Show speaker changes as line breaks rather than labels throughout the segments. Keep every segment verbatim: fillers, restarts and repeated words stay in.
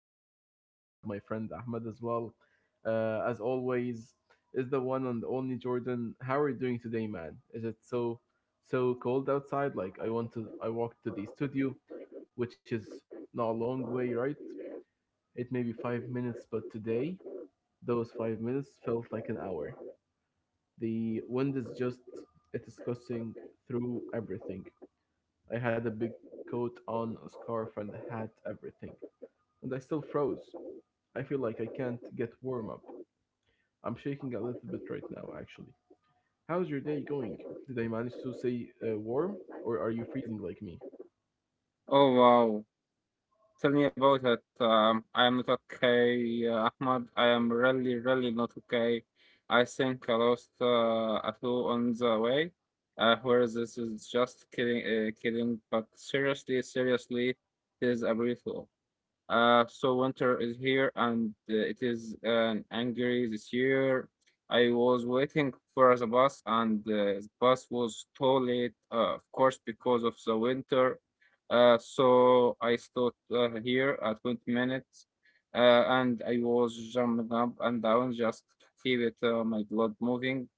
with me here, I have my friend Ahmed as well. Uh, as always, is the one and only Jordan. How are you doing today, man? Is it so so cold outside? Like I want to, I walked to the studio, which is not a long way, right? It may be five minutes, but today those five minutes felt like an hour. The wind is just it is discussing through everything. I had a big coat on, a scarf, and a hat, everything. And I still froze. I feel like I can't get warm up. I'm shaking a little bit right now, actually. How's your day going? Did I manage to stay uh, warm, or are you freezing like me?
Oh wow. Tell me about it. Um, I am not okay, uh, Ahmad. I am really, really not okay. I think I lost uh, a toe on the way. Uh, whereas this is just kidding, uh, kidding. But seriously, seriously, this is a brief uh, so winter is here and uh, it is an angry this year. I was waiting for the bus and uh, the bus was too late, uh, of course, because of the winter. Uh, so I stood uh, here at twenty minutes uh, and I was jumping up and down just to keep it, uh, my blood moving.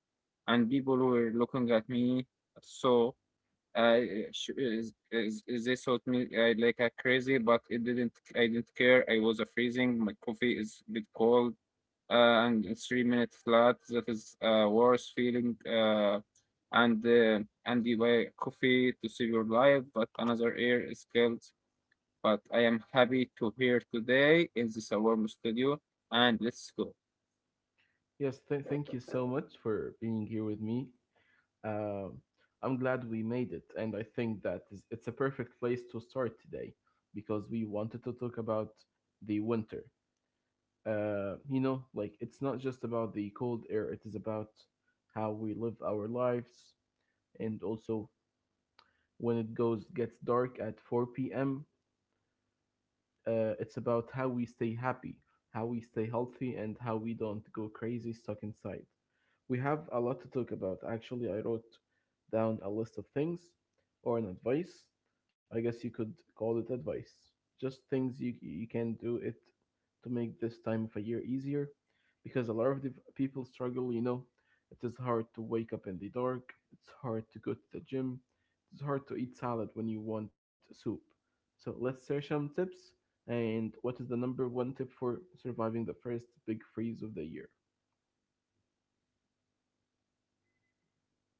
And people were looking at me. So I eh, sh- is, is, is this hot me I like a crazy, but it didn't. I didn't care. I was a freezing. My coffee is a bit cold, uh, and it's three minutes flat. That is a worse feeling. Uh, and uh, and you buy coffee to save your life, but another air is killed. But I am happy to here today in this warm studio, and let's go.
Yes, th- thank you so much for being here with me. Um I'm glad we made it, and I think that is, it's a perfect place to start today because we wanted to talk about the winter. Uh, you know, like it's not just about the cold air, it is about how we live our lives. And also, when it goes gets dark at four p m, uh, it's about how we stay happy, how we stay healthy, and how we don't go crazy stuck inside. We have a lot to talk about. Actually, I wrote down a list of things or an advice. I guess you could call it advice. Just things you you can do it to make this time of a year easier because a lot of the people struggle, you know. It is hard to wake up in the dark, it's hard to go to the gym, it's hard to eat salad when you want soup. So let's share some tips and what is the number one tip for surviving the first big freeze of the year?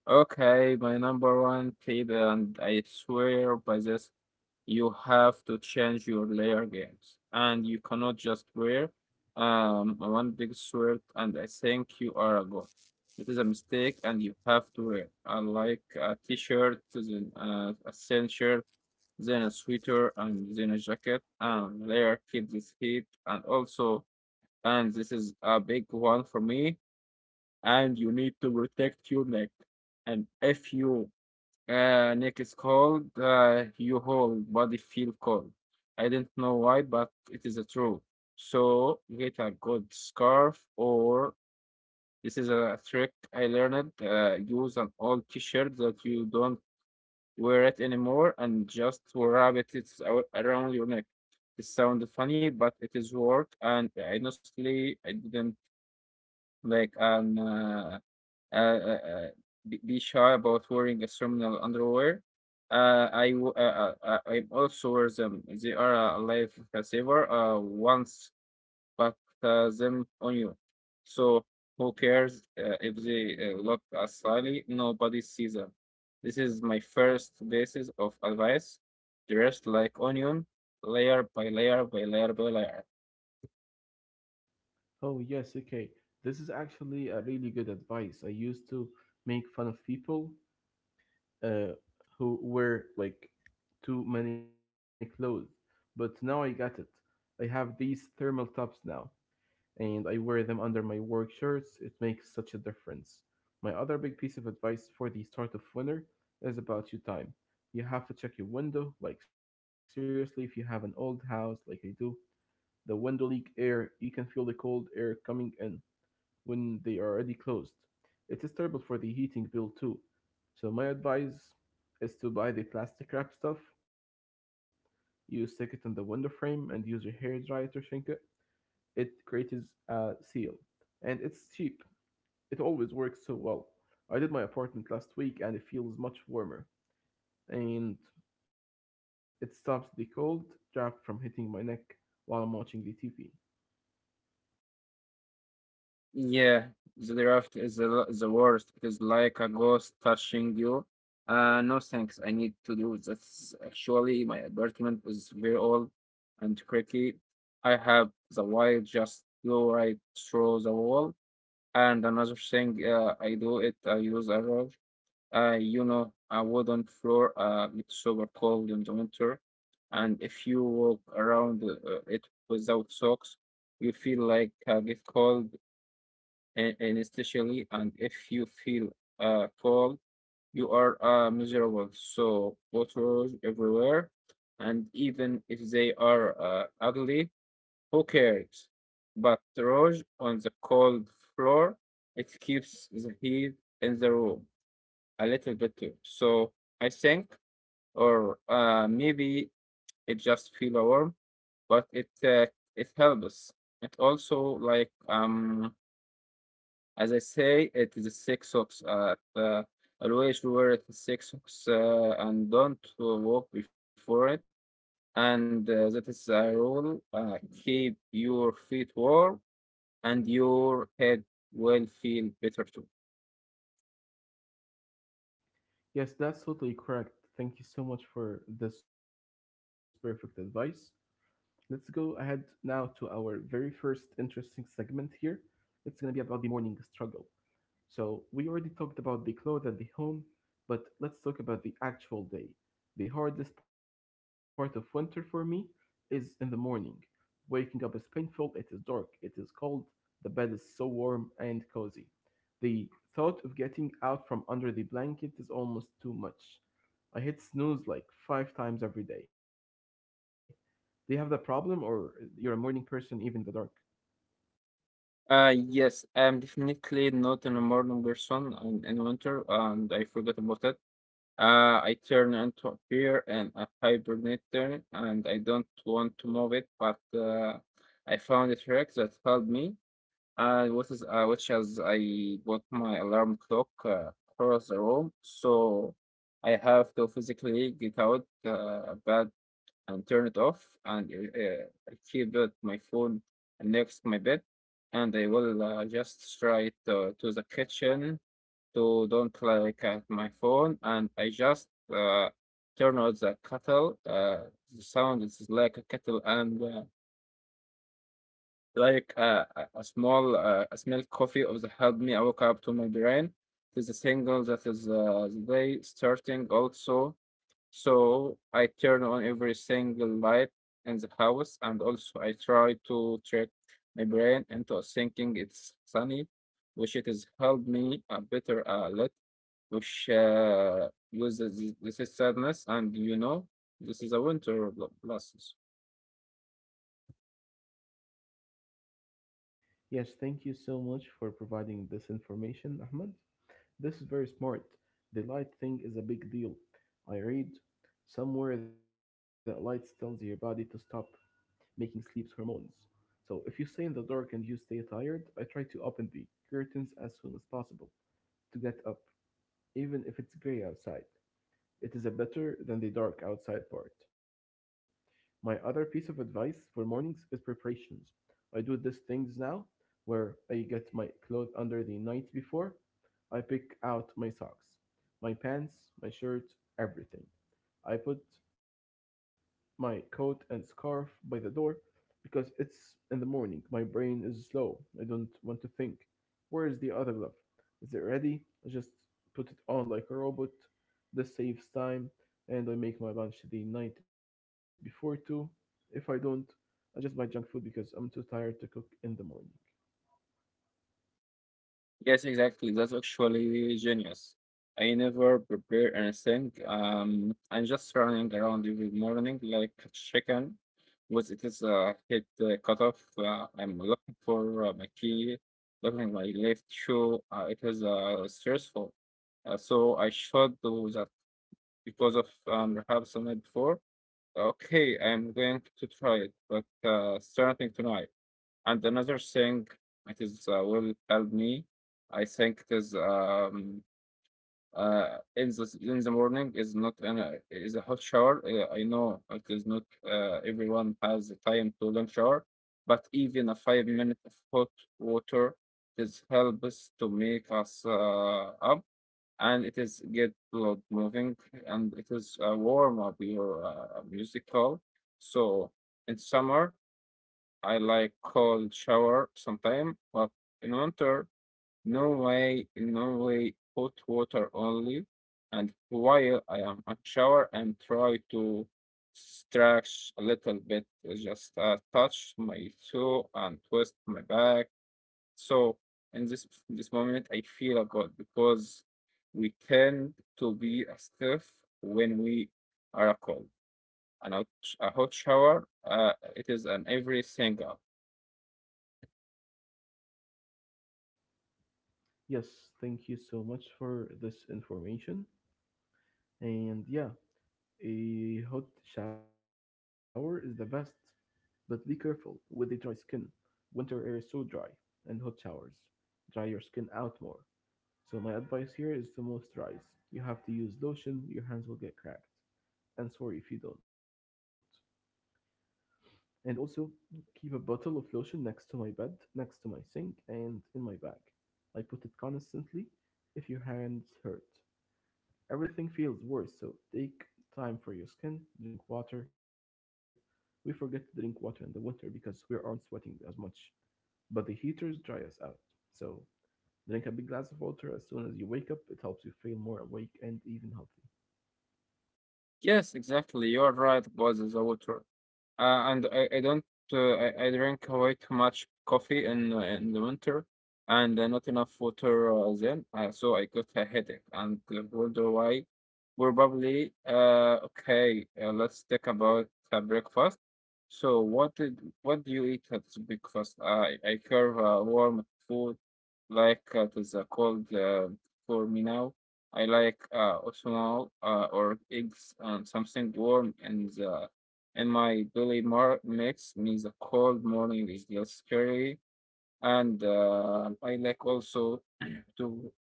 Okay, my number one tip, and I swear by this, you have to change your layer games, and you cannot just wear um one big sweat and I think you are a god. It is a mistake, and you have to wear uh, like a t-shirt, then uh, a thin shirt, then a sweater, and then a jacket, and layer keep this heat, and also, and this is a big one for me and you need to protect your neck. And if your uh, neck is cold, uh, your whole body feel cold. I don't know why, but it is a true. So get a good scarf or this is a trick I learned. Uh, use an old T-shirt that you don't wear it anymore and just wrap it it's ar- around your neck. It sounds funny, but it is work. And honestly, I didn't like an. Uh, uh, uh, uh, be be shy about wearing a ceremonial underwear. Uh, I w- uh, uh, uh, I also wear them. They are a lifesaver. Uh, once but uh, them on you, so who cares uh, if they uh, look as slyly? Nobody sees them. This is my first basis of advice. Dressed like onion, layer by layer by layer by layer.
Oh, yes, okay. This is actually a really good advice. I used to make fun of people uh, who wear like too many clothes. But now I got it. I have these thermal tops now, and I wear them under my work shirts. It makes such a difference. My other big piece of advice for the start of winter is about your time. You have to check your window. Like, seriously, if you have an old house like I do, the window leak air, you can feel the cold air coming in when they are already closed. It is terrible for the heating bill too. So my advice is to buy the plastic wrap stuff. You stick it in the window frame and use your hair dryer to shrink it. It creates a seal, and it's cheap. It always works so well. I did my apartment last week, and it feels much warmer, and it stops the cold draft from hitting my neck while I'm watching the T V.
Yeah, the draft is the, the worst. It is like a ghost touching you. Uh, no thanks. I need to do this. Actually, my apartment is very old and creaky. I have the wire just go right through the wall. And another thing, uh, I do it. I use a rug. Uh, you know, a wooden floor. Uh, it's super cold in the winter, and if you walk around uh, it without socks, you feel like uh, get cold and, and especially and if you feel uh cold you are uh miserable so waters everywhere and even if they are uh, ugly who cares but rose on the cold floor it keeps the heat in the room a little bit too so I think or uh maybe it just feel warm but it uh, it helps it also like um as I say, it is six socks. Uh, uh, always wear it six socks uh, and don't walk before it. And uh, That is a rule. Uh, keep your feet warm and your head will feel better too.
Yes, that's totally correct. Thank you so much for this perfect advice. Let's go ahead now to our very first interesting segment here. It's going to be about the morning struggle. So, we already talked about the clothes and the home, but let's talk about the actual day. The hardest part of winter for me is in the morning. Waking up is painful, it is dark, it is cold, the bed is so warm and cozy. The thought of getting out from under the blanket is almost too much. I hit snooze like five times every day. Do you have that problem, or you're a morning person even in the dark?
Uh, yes, I'm definitely not an morning person in, in winter, and I forgot about that. Uh, I turn into a bear and a hibernator, and I don't want to move it, but uh, I found a trick that helped me. And what is uh, which is I bought my alarm clock uh, across the room, so I have to physically get out uh, bed and turn it off, and uh, I keep it, my phone next my bed, and I will uh, just try to, to the kitchen to don't like at my phone, and I just uh, turn on the kettle. Uh, the sound is like a kettle and uh, like a, a a small uh, a small coffee of the help me wake up to my brain. It's a single that is uh, the day starting also so I turn on every single light in the house and also I try to trick my brain into thinking it's sunny which it has helped me a better uh, lot which uh, with this, this is sadness and you know this is a winter bl- blast.
Yes, thank you so much for providing this information, Ahmed. This is very smart. The light thing is a big deal. I read somewhere that light tells your body to stop making sleep hormones. So if you stay in the dark and you stay tired, I try to open the curtains as soon as possible to get up. Even if it's grey outside, it is a better than the dark outside part. My other piece of advice for mornings is preparations. I do these things now where I get my clothes under the night before. I pick out my socks, my pants, my shirt, everything. I put my coat and scarf by the door because it's in the morning. My brain is slow. I don't want to think. Where is the other glove? Is it ready? I just put it on like a robot. This saves time, and I make my lunch the night before too. If I don't, I just buy junk food because I'm too tired to cook in the morning.
Yes, exactly. That's actually genius. I never prepare anything. Um, I'm just running around every morning like a chicken. Once it is uh, hit the cutoff, uh, I'm looking for uh, my key, looking my left shoe. Uh, it is uh, stressful. Uh, so I should do that because of um, perhaps the night before. Okay, I'm going to try it, but uh, starting tonight. And another thing, it is uh, will help me. I think it is um, uh, in the in the morning is not an uh, is a hot shower. Uh, I know it is not uh, everyone has the time to long shower, but even a five minute of hot water is helps to make us uh, up, and it is get blood moving, and it is uh, warm up your uh, musical. So in summer I like cold shower sometime, but in winter, no way, no way, hot water only. And while I am at shower and try to stretch a little bit, uh, just uh, touch my toe and twist my back. So in this this moment, I feel good because we tend to be stiff when we are cold. And a hot sh- a hot shower, uh, it is an everything.
Yes, thank you so much for this information. And yeah, a hot shower is the best, but be careful with the dry skin. Winter air is so dry, and hot showers dry your skin out more. So my advice here is to moisturize. You have to use lotion, your hands will get cracked. And sorry if you don't. And also keep a bottle of lotion next to my bed, next to my sink, and in my bag. I put it constantly if your hands hurt. Everything feels worse, so take time for your skin, drink water. We forget to drink water in the winter because we aren't sweating as much, but the heaters dry us out. So drink a big glass of water as soon as you wake up. It helps you feel more awake and even healthy.
Yes, exactly. You are right about the water. Uh, and I, I don't uh, I, I drink way too much coffee in uh, in the winter and uh, not enough water uh, then uh, so I got a headache and uh, wonder why probably uh okay uh, let's talk about uh, breakfast so what did what do you eat at the breakfast I I curve uh, warm food like uh, it is uh, cold uh, for me now I like uh, oatmeal uh, or eggs and something warm and the in my belly mar- makes me the cold morning is less scary. And uh, I like also to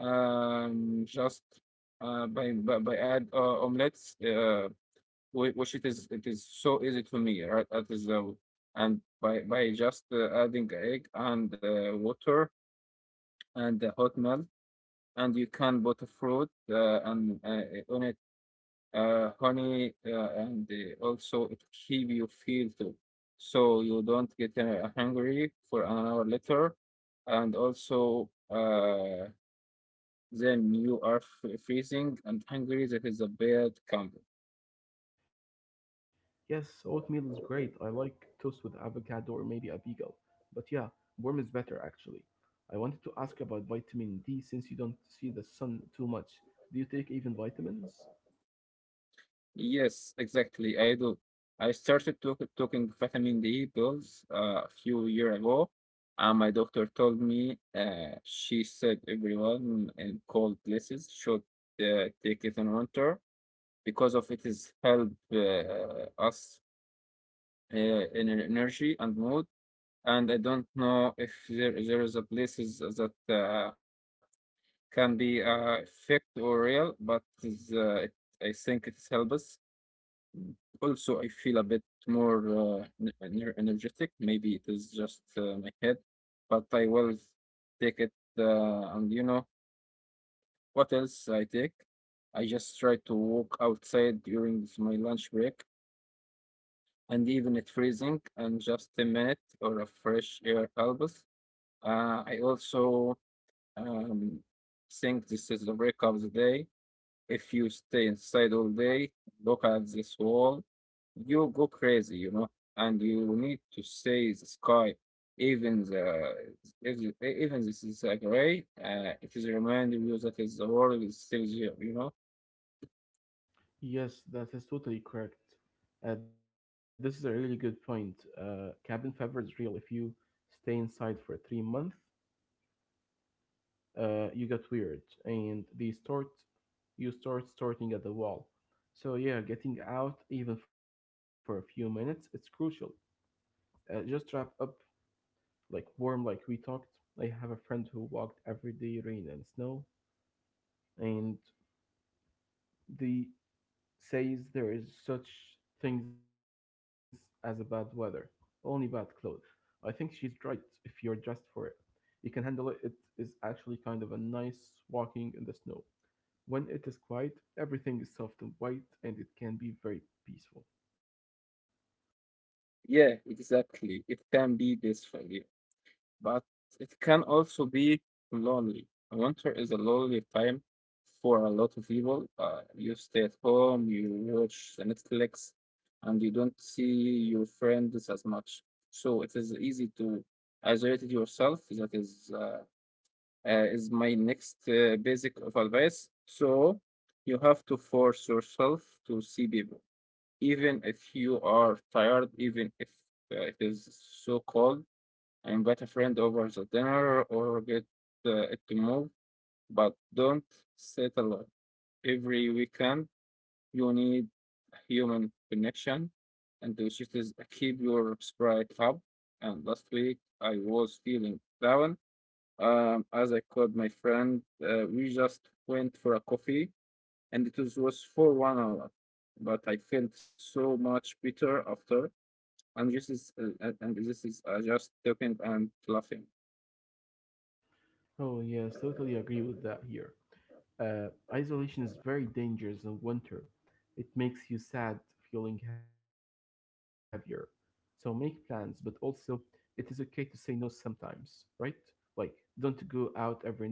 um, just uh, by, by by add uh, omelets, uh, whi- which it is it is so easy to me, right? That is uh, and by by just uh, adding egg and uh, water and uh, hot milk, and you can put fruit uh, and uh, on it uh, honey, uh, and uh, also it keep you feel too, so you don't get uh, hungry for an hour later, and also uh, then you are f- freezing and hungry. That is a bad combo.
Yes, oatmeal is great. I like toast with avocado or maybe a bagel. But yeah, warm is better actually. I wanted to ask about vitamin D since you don't see the sun too much. Do you take even vitamins?
Yes, exactly. I do. I started to- taking vitamin D pills uh, a few year ago. And my doctor told me, uh, she said everyone in cold places should uh, take it in winter because of it is help uh, us uh, in an energy and mood. And I don't know if there there is a places that uh, can be uh, fake or real, but is, uh, it, I think it's help us. Also, I feel a bit more uh, n- ener- energetic. Maybe it is just uh, my head, but I will take it. Uh, and you know what else I take? I just try to walk outside during my lunch break and even at freezing and just a minute or a fresh air helps. Uh, I also um, think this is a break of the day. If you stay inside all day, look at this wall, you go crazy, you know, and you need to see the sky. Even the if you- e- even this is a gray, uh, it is reminding you that is the world is still here, you know.
Yes, that is totally correct. Uh, this is a really good point. Uh, cabin fever is real if you stay inside for three months uh, you get weird and they start you start starting at the wall. So yeah, getting out even for a few minutes it's crucial. Uh, just wrap up like warm like we talked. I have a friend who walked every day, rain and snow, and they says there is such things as a bad weather, only bad clothes. I think she's right. If you're dressed for it, you can handle it it Is actually kind of a nice walking in the snow. When it is quiet, everything is soft and white, and it can be very peaceful.
Yeah, exactly. It can be this for you. But it can also be lonely. Winter is a lonely time for a lot of people. Uh, you stay at home, you watch the Netflix, and you don't see your friends as much. So it is easy to isolate yourself. That is uh, uh, is my next uh, basic of advice. So you have to force yourself to see people, even if you are tired, even if uh, it is so cold. I invite a friend over the dinner or get uh, it to move, but don't settle it. Every weekend. You need a human connection, and which is a keep your spirit up. And last week I was feeling down, um, as I called my friend. Uh, we just went for a coffee, and it was, was for one hour, but I felt so much better after. And this is uh, and and this is uh, just talking and laughing.
Oh, yes, totally agree with that here. Uh, Isolation is very dangerous in winter. It makes you sad, feeling heavier. So make plans, but also it is okay to say no sometimes, right? Like, don't go out every night.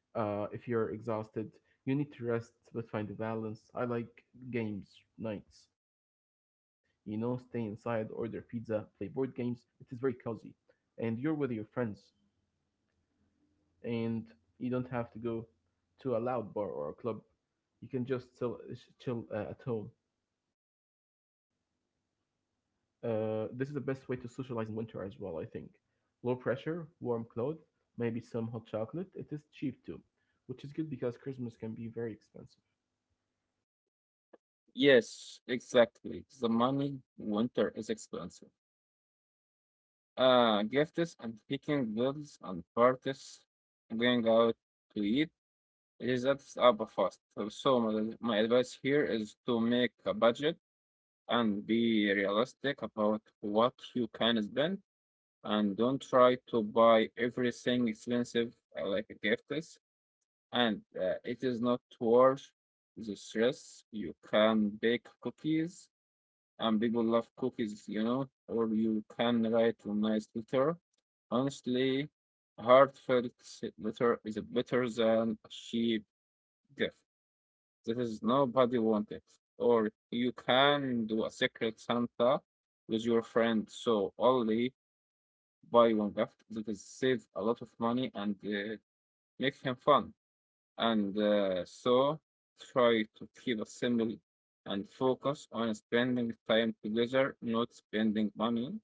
Uh, if you're exhausted, you need to rest but find a balance. I like games nights. You know, stay inside, order pizza, play board games. It is very cozy. And you're with your friends, and you don't have to go to a loud bar or a club. You can just chill, sh- chill uh, at home. Uh, this is the best way to socialize in winter as well, I think. Low pressure, warm clothes, maybe some hot chocolate. It is cheap too, which is good because Christmas can be very expensive.
Yes, exactly. The money winter is expensive. Uh, gifts and picking bills and parties, going out to eat, it is adds up fast. Uh, So my, my advice here is to make a budget and be realistic about what you can spend, and don't try to buy everything expensive uh, like gifts. And uh, it is not worth the stress. You can bake cookies and people love cookies, you know, or you can write a nice letter. Honestly, heartfelt letter is better than a cheap gift. That is nobody wanted. Or you can do a secret Santa with your friend. So only buy one gift that is save a lot of money and uh, make him fun. And uh, so try to keep it simple and focus on spending time together, not spending money.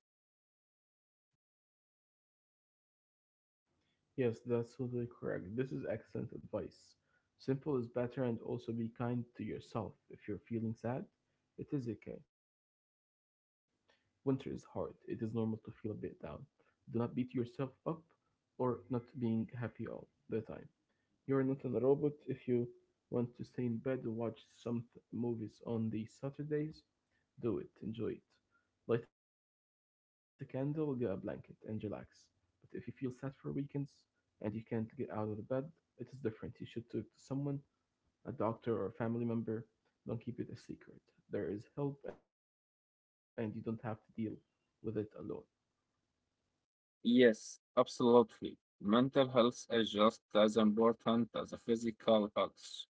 Yes, that's totally correct. This is excellent advice. Simple is better and also be kind to yourself. If you're feeling sad, it is okay. Winter is hard. It is normal to feel a bit down. Do not beat yourself up or not being happy all the time. You're not a robot if you want to stay in bed and watch some th- movies on the Saturdays. Do it, enjoy it. Light a candle, get a blanket, and relax. But if you feel sad for weekends and you can't get out of the bed, it is different. You should talk to someone, a doctor or a family member. Don't keep it a secret. There is help, and you don't have to deal with it alone.
Yes, absolutely. Mental health is just as important as the physical health,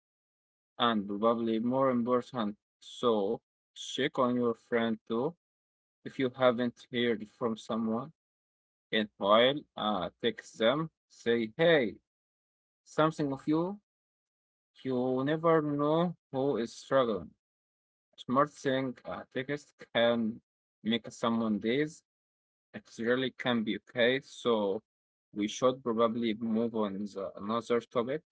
and probably more important. So check on your friend too. If you haven't heard from someone in a while, uh, text them, say, hey, something of you, you never know who is struggling. Smashing a text can make someone days. It really can be okay. So we should probably move on the another topic.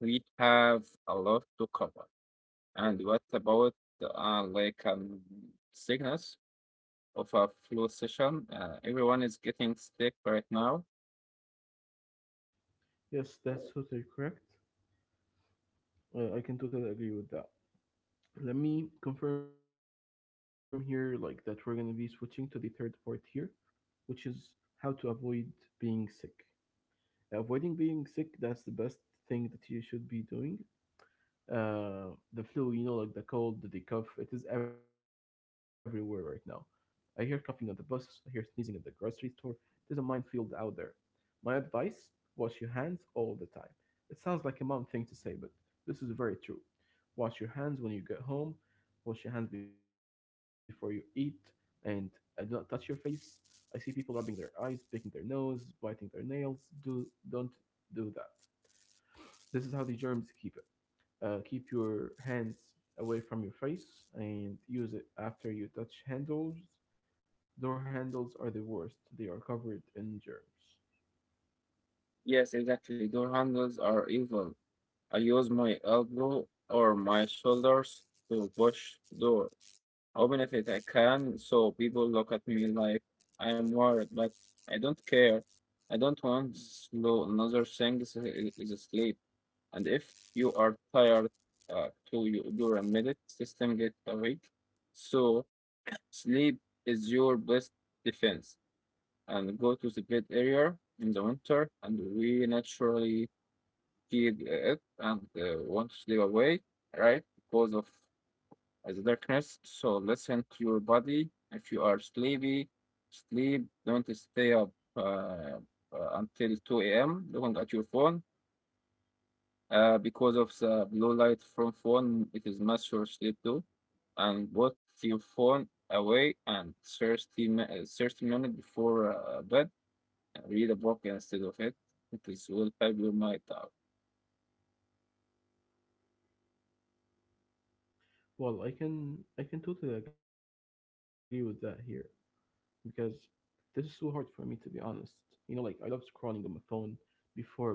We have a lot to cover. And what about uh, like um, sickness of a flu session? Uh, everyone is getting sick right now.
Yes, that's totally correct. Uh, I can totally agree with that. Let me confirm here like that we're going to be switching to the third part here, which is how to avoid being sick. Avoiding being sick, that's the best thing that you should be doing. Uh the flu, you know, like the cold, the cough, it is everywhere right now. I hear coughing on the bus, I hear sneezing at the grocery store. There's a minefield out there. My advice, wash your hands all the time. It sounds like a mom thing to say, but this is very true. Wash your hands when you get home, wash your hands before you eat, and uh, do not touch your face. I see people rubbing their eyes, picking their nose, biting their nails. Do don't do that. This is how the germs keep it. Uh, keep your hands away from your face and use it after you touch handles. Door handles are the worst. They are covered in germs.
Yes, exactly. Door handles are evil. I use my elbow or my shoulders to push door how benefit I can, so people look at me like I'm worried, but I don't care. I don't want slow. Another thing is, is sleep. And if you are tired uh, to you, your immediate system get awake, so sleep is your best defense. And go to the bed area in the winter, and we naturally keep it and uh, want to sleep away, right? Because of as a darkness. So listen to your body. If you are sleepy, sleep. Don't stay up uh, uh, until two a m looking at your phone. Uh, because of the blue light from phone, it is mess your sleep too. And put your phone away and thirty, mi- uh, thirty minutes before uh, bed. Read a book instead of it. It is will help your mind out.
Well, I can I can totally agree with that here because this is so hard for me to be honest. You know, like I love scrolling on my phone before bed,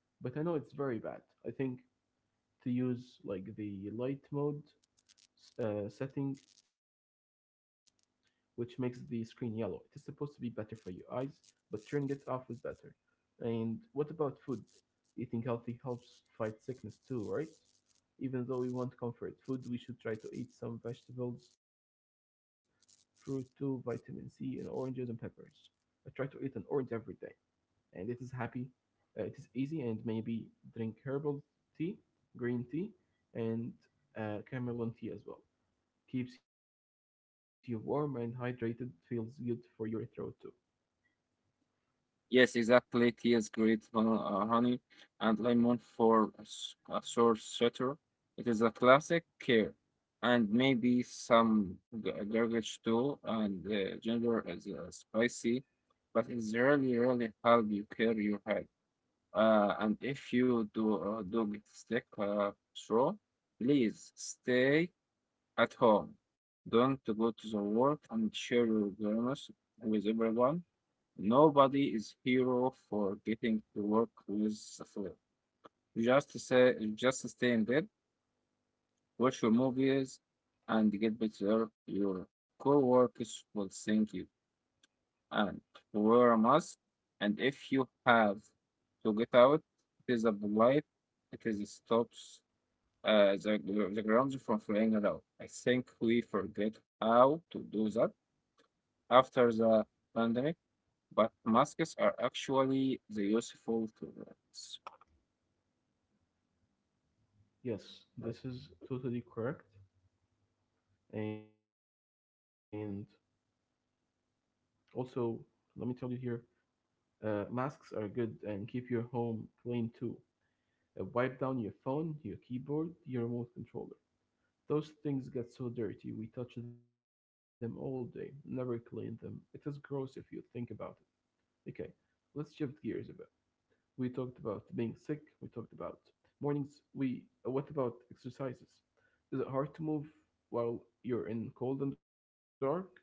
but I know it's very bad. I think to use like the light mode uh, setting, which makes the screen yellow. It is supposed to be better for your eyes, but turning it off is better. And what about food? Eating healthy helps fight sickness too, right? Even though we want comfort food, we should try to eat some vegetables, fruit too, vitamin C, and oranges and peppers. I try to eat an orange every day, and it is happy. Uh, it is easy, and maybe drink herbal tea, green tea, and uh, chamomile tea as well. Keeps you warm and hydrated, feels good for your throat too.
Yes, exactly. Tea is great, hon- uh, honey, and lemon for a s- a sore sweater. It is a classic care, and maybe some g- garlic too. And uh, ginger is uh, spicy, but it's really, really help you clear your head. Uh, and if you do uh, do get sick, uh, sure, please stay at home. Don't go to the work and share your germs with everyone. Nobody is hero for getting to work with the flow. Just say, just stay in bed, watch your movies, and get better. Your co-workers will thank you. And wear a mask. And if you have to get out, it is a blight. It is stops uh, the gr- the ground from flying around. I think we forget how to do that after the pandemic. But masks are actually the useful tools.
Yes, this is totally correct. And also, let me tell you here, uh, masks are good and keep your home clean too. Uh, wipe down your phone, your keyboard, your remote controller. Those things get so dirty, we touch them all day, never clean them. It is gross if you think about it. Okay, let's shift gears a bit. We talked about being sick, we talked about mornings, we uh, what about exercises? Is it hard to move while you're in cold and dark?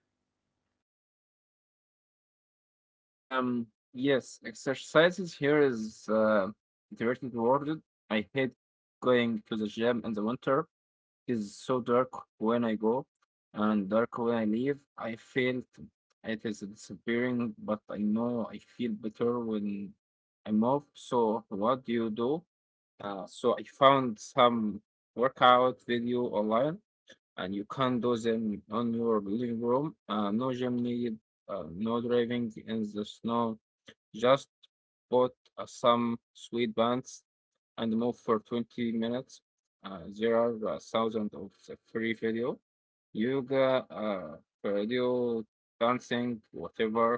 Um, yes, exercises here is uh, iterated worded. I hate going to the gym in the winter. It is so dark when I go and dark when I leave. I felt it is disappearing, but I know I feel better when I move. So what do you do? Uh, so I found some workout video online and you can do them on your living room. Uh, no gym needed, uh, no driving in the snow. Just put uh, some sweet bands and move for twenty minutes. Uh, there are uh, thousands of the free video, yoga, uh, cardio, dancing, whatever.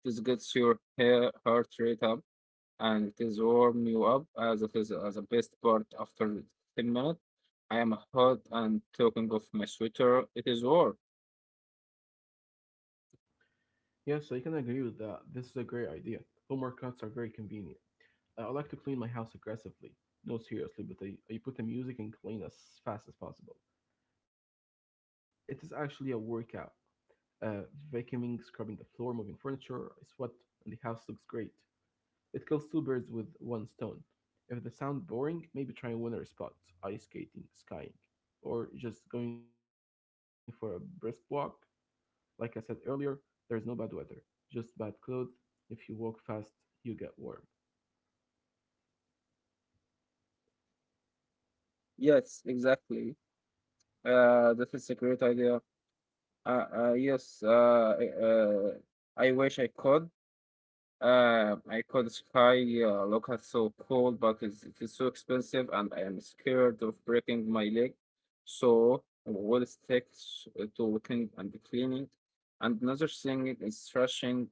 This gets your hair, heart rate up and it is warm you up. Uh, that is uh, the best part after ten minutes. I am hot and talking of my sweater. It is warm.
Yes, I can agree with that. This is a great idea. Home workouts are very convenient. I I like to clean my house aggressively. No, seriously, but I, I put the music and clean as fast as possible. It is actually a workout. Uh, Vacuuming, scrubbing the floor, moving furniture, I sweat, and the house looks great. It kills two birds with one stone. If the sound boring, maybe try a winter spot, ice skating, skiing, or just going for a brisk walk. Like I said earlier, there is no bad weather, just bad clothes. If you walk fast, you get warm.
Yes, exactly. Uh, that is a great idea. Uh, uh, yes, uh, uh, I wish I could. Uh, I could sky uh, look at so cold, but it's, it is so expensive, and I am scared of breaking my leg. So I will stick s- to weekend and cleaning. And another thing is thrashing.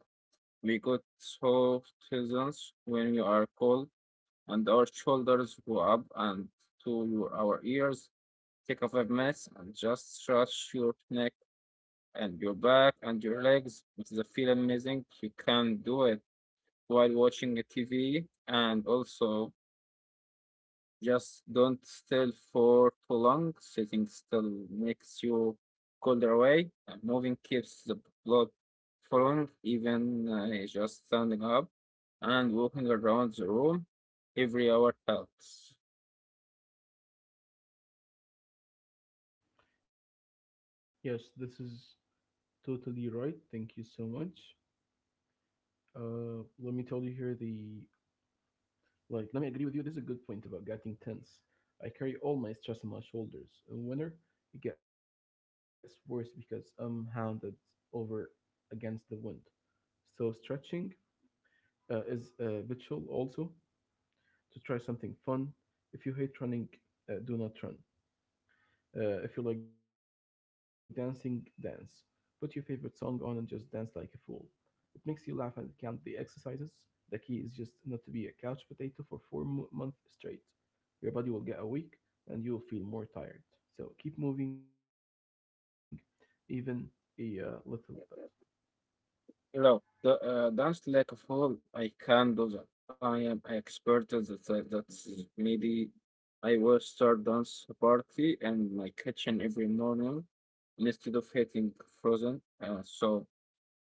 We got soft heavens when we are cold, and our shoulders go up and to our ears. Take a five minutes and just stretch your neck and your back and your legs. It is a feel amazing. You can do it while watching a T V and also just don't still for too long. Sitting still makes you colder away. And moving keeps the blood flowing, even uh, just standing up and walking around the room every hour helps.
Yes, this is totally right. Thank you so much. Uh, let me tell you here the like. Let me agree with you. This is a good point about getting tense. I carry all my stress on my shoulders. In winter, it gets worse because I'm hounded over against the wind. So stretching uh, is a uh, ritual also to try something fun. If you hate running, uh, do not run. Uh, if you like dancing, dance. Put your favorite song on and just dance like a fool. It makes you laugh and count the exercises. The key is just not to be a couch potato for four mo- months straight. Your body will get a weak and you'll feel more tired. So keep moving, even a uh, little bit.
No, the, uh, dance like a fool, I can do that. I am expert at that. That's maybe I will start dance party in my kitchen every morning instead of hitting frozen. Uh, so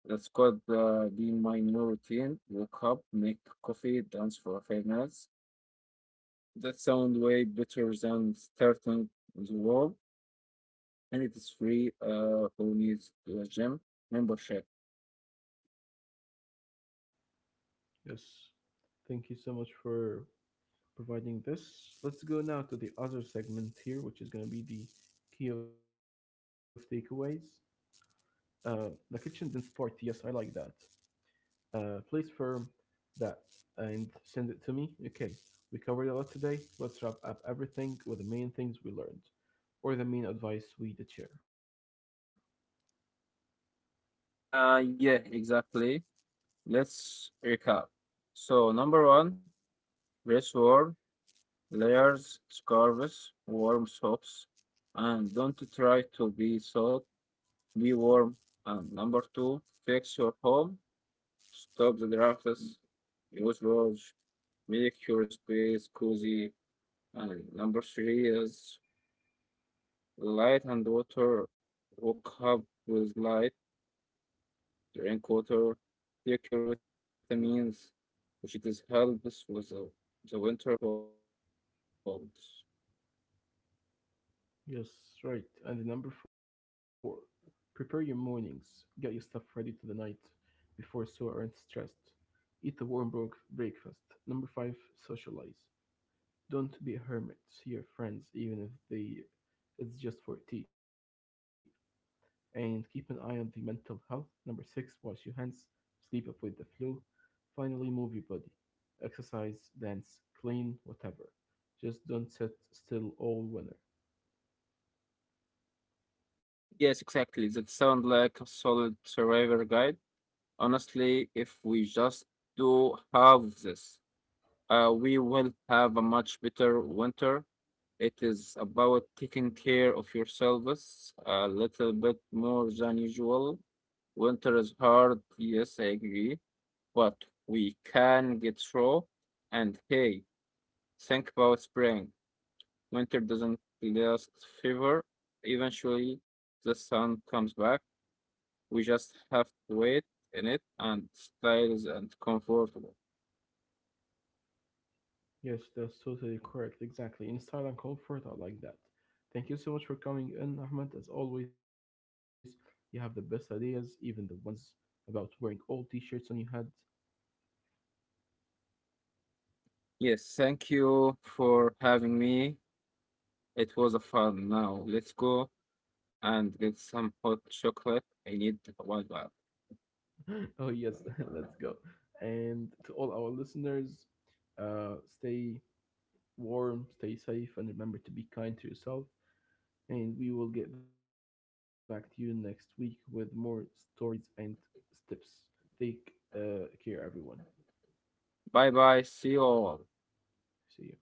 it's called uh, Be My New Routine. Wake up, make coffee, dance for five minutes. That sound way better than starting the wall, and it is free. Uh, who needs a gym membership?
Yes. Thank you so much for providing this. Let's go now to the other segment here, which is going to be the key of takeaways. Uh, the kitchen dance party. Yes, I like that. Uh, please firm that and send it to me. Okay, we covered a lot today. Let's wrap up everything with the main things we learned, or the main advice we did share.
Uh, yeah, exactly. Let's recap. So number one, dress warm, layers, scarves, warm socks, and don't try to be soft. Be warm. And number two, fix your home, stop the office, which was make your space cozy. And number three is light and water. Wake up with light, drink water, take your vitamins, which it is helps with the, the winter colds.
Yes, right. And number four, prepare your mornings. Get your stuff ready to the night before so aren't stressed. Eat a warm broke breakfast. Number five, socialize. Don't be a hermit. See your friends, even if they it's just for tea, and keep an eye on the mental health. Number six, wash your hands, sleep, avoid the flu. Finally, move your body. Exercise, dance, clean, whatever. Just don't sit still all winter.
Yes, exactly. That sounds like a solid survivor guide. Honestly, if we just do half this. Uh, we will have a much better winter. It is about taking care of yourselves a little bit more than usual. Winter is hard, yes, I agree, but we can get through. And hey, think about spring. Winter doesn't last forever. Eventually, the sun comes back. We just have to wait in it and styles and comfortable.
Yes, that's totally correct. Exactly. In style and comfort, I like that. Thank you so much for coming in, Ahmed. As always, you have the best ideas, even the ones about wearing old t shirts on your head.
Yes, thank you for having me. It was a fun. Now let's go and get some hot chocolate. I need one.
Oh, yes, let's go. And to all our listeners, uh, stay warm, stay safe, and remember to be kind to yourself. And we will get back to you next week with more stories and tips. Take uh, care, everyone.
Bye bye. See you all.
See you.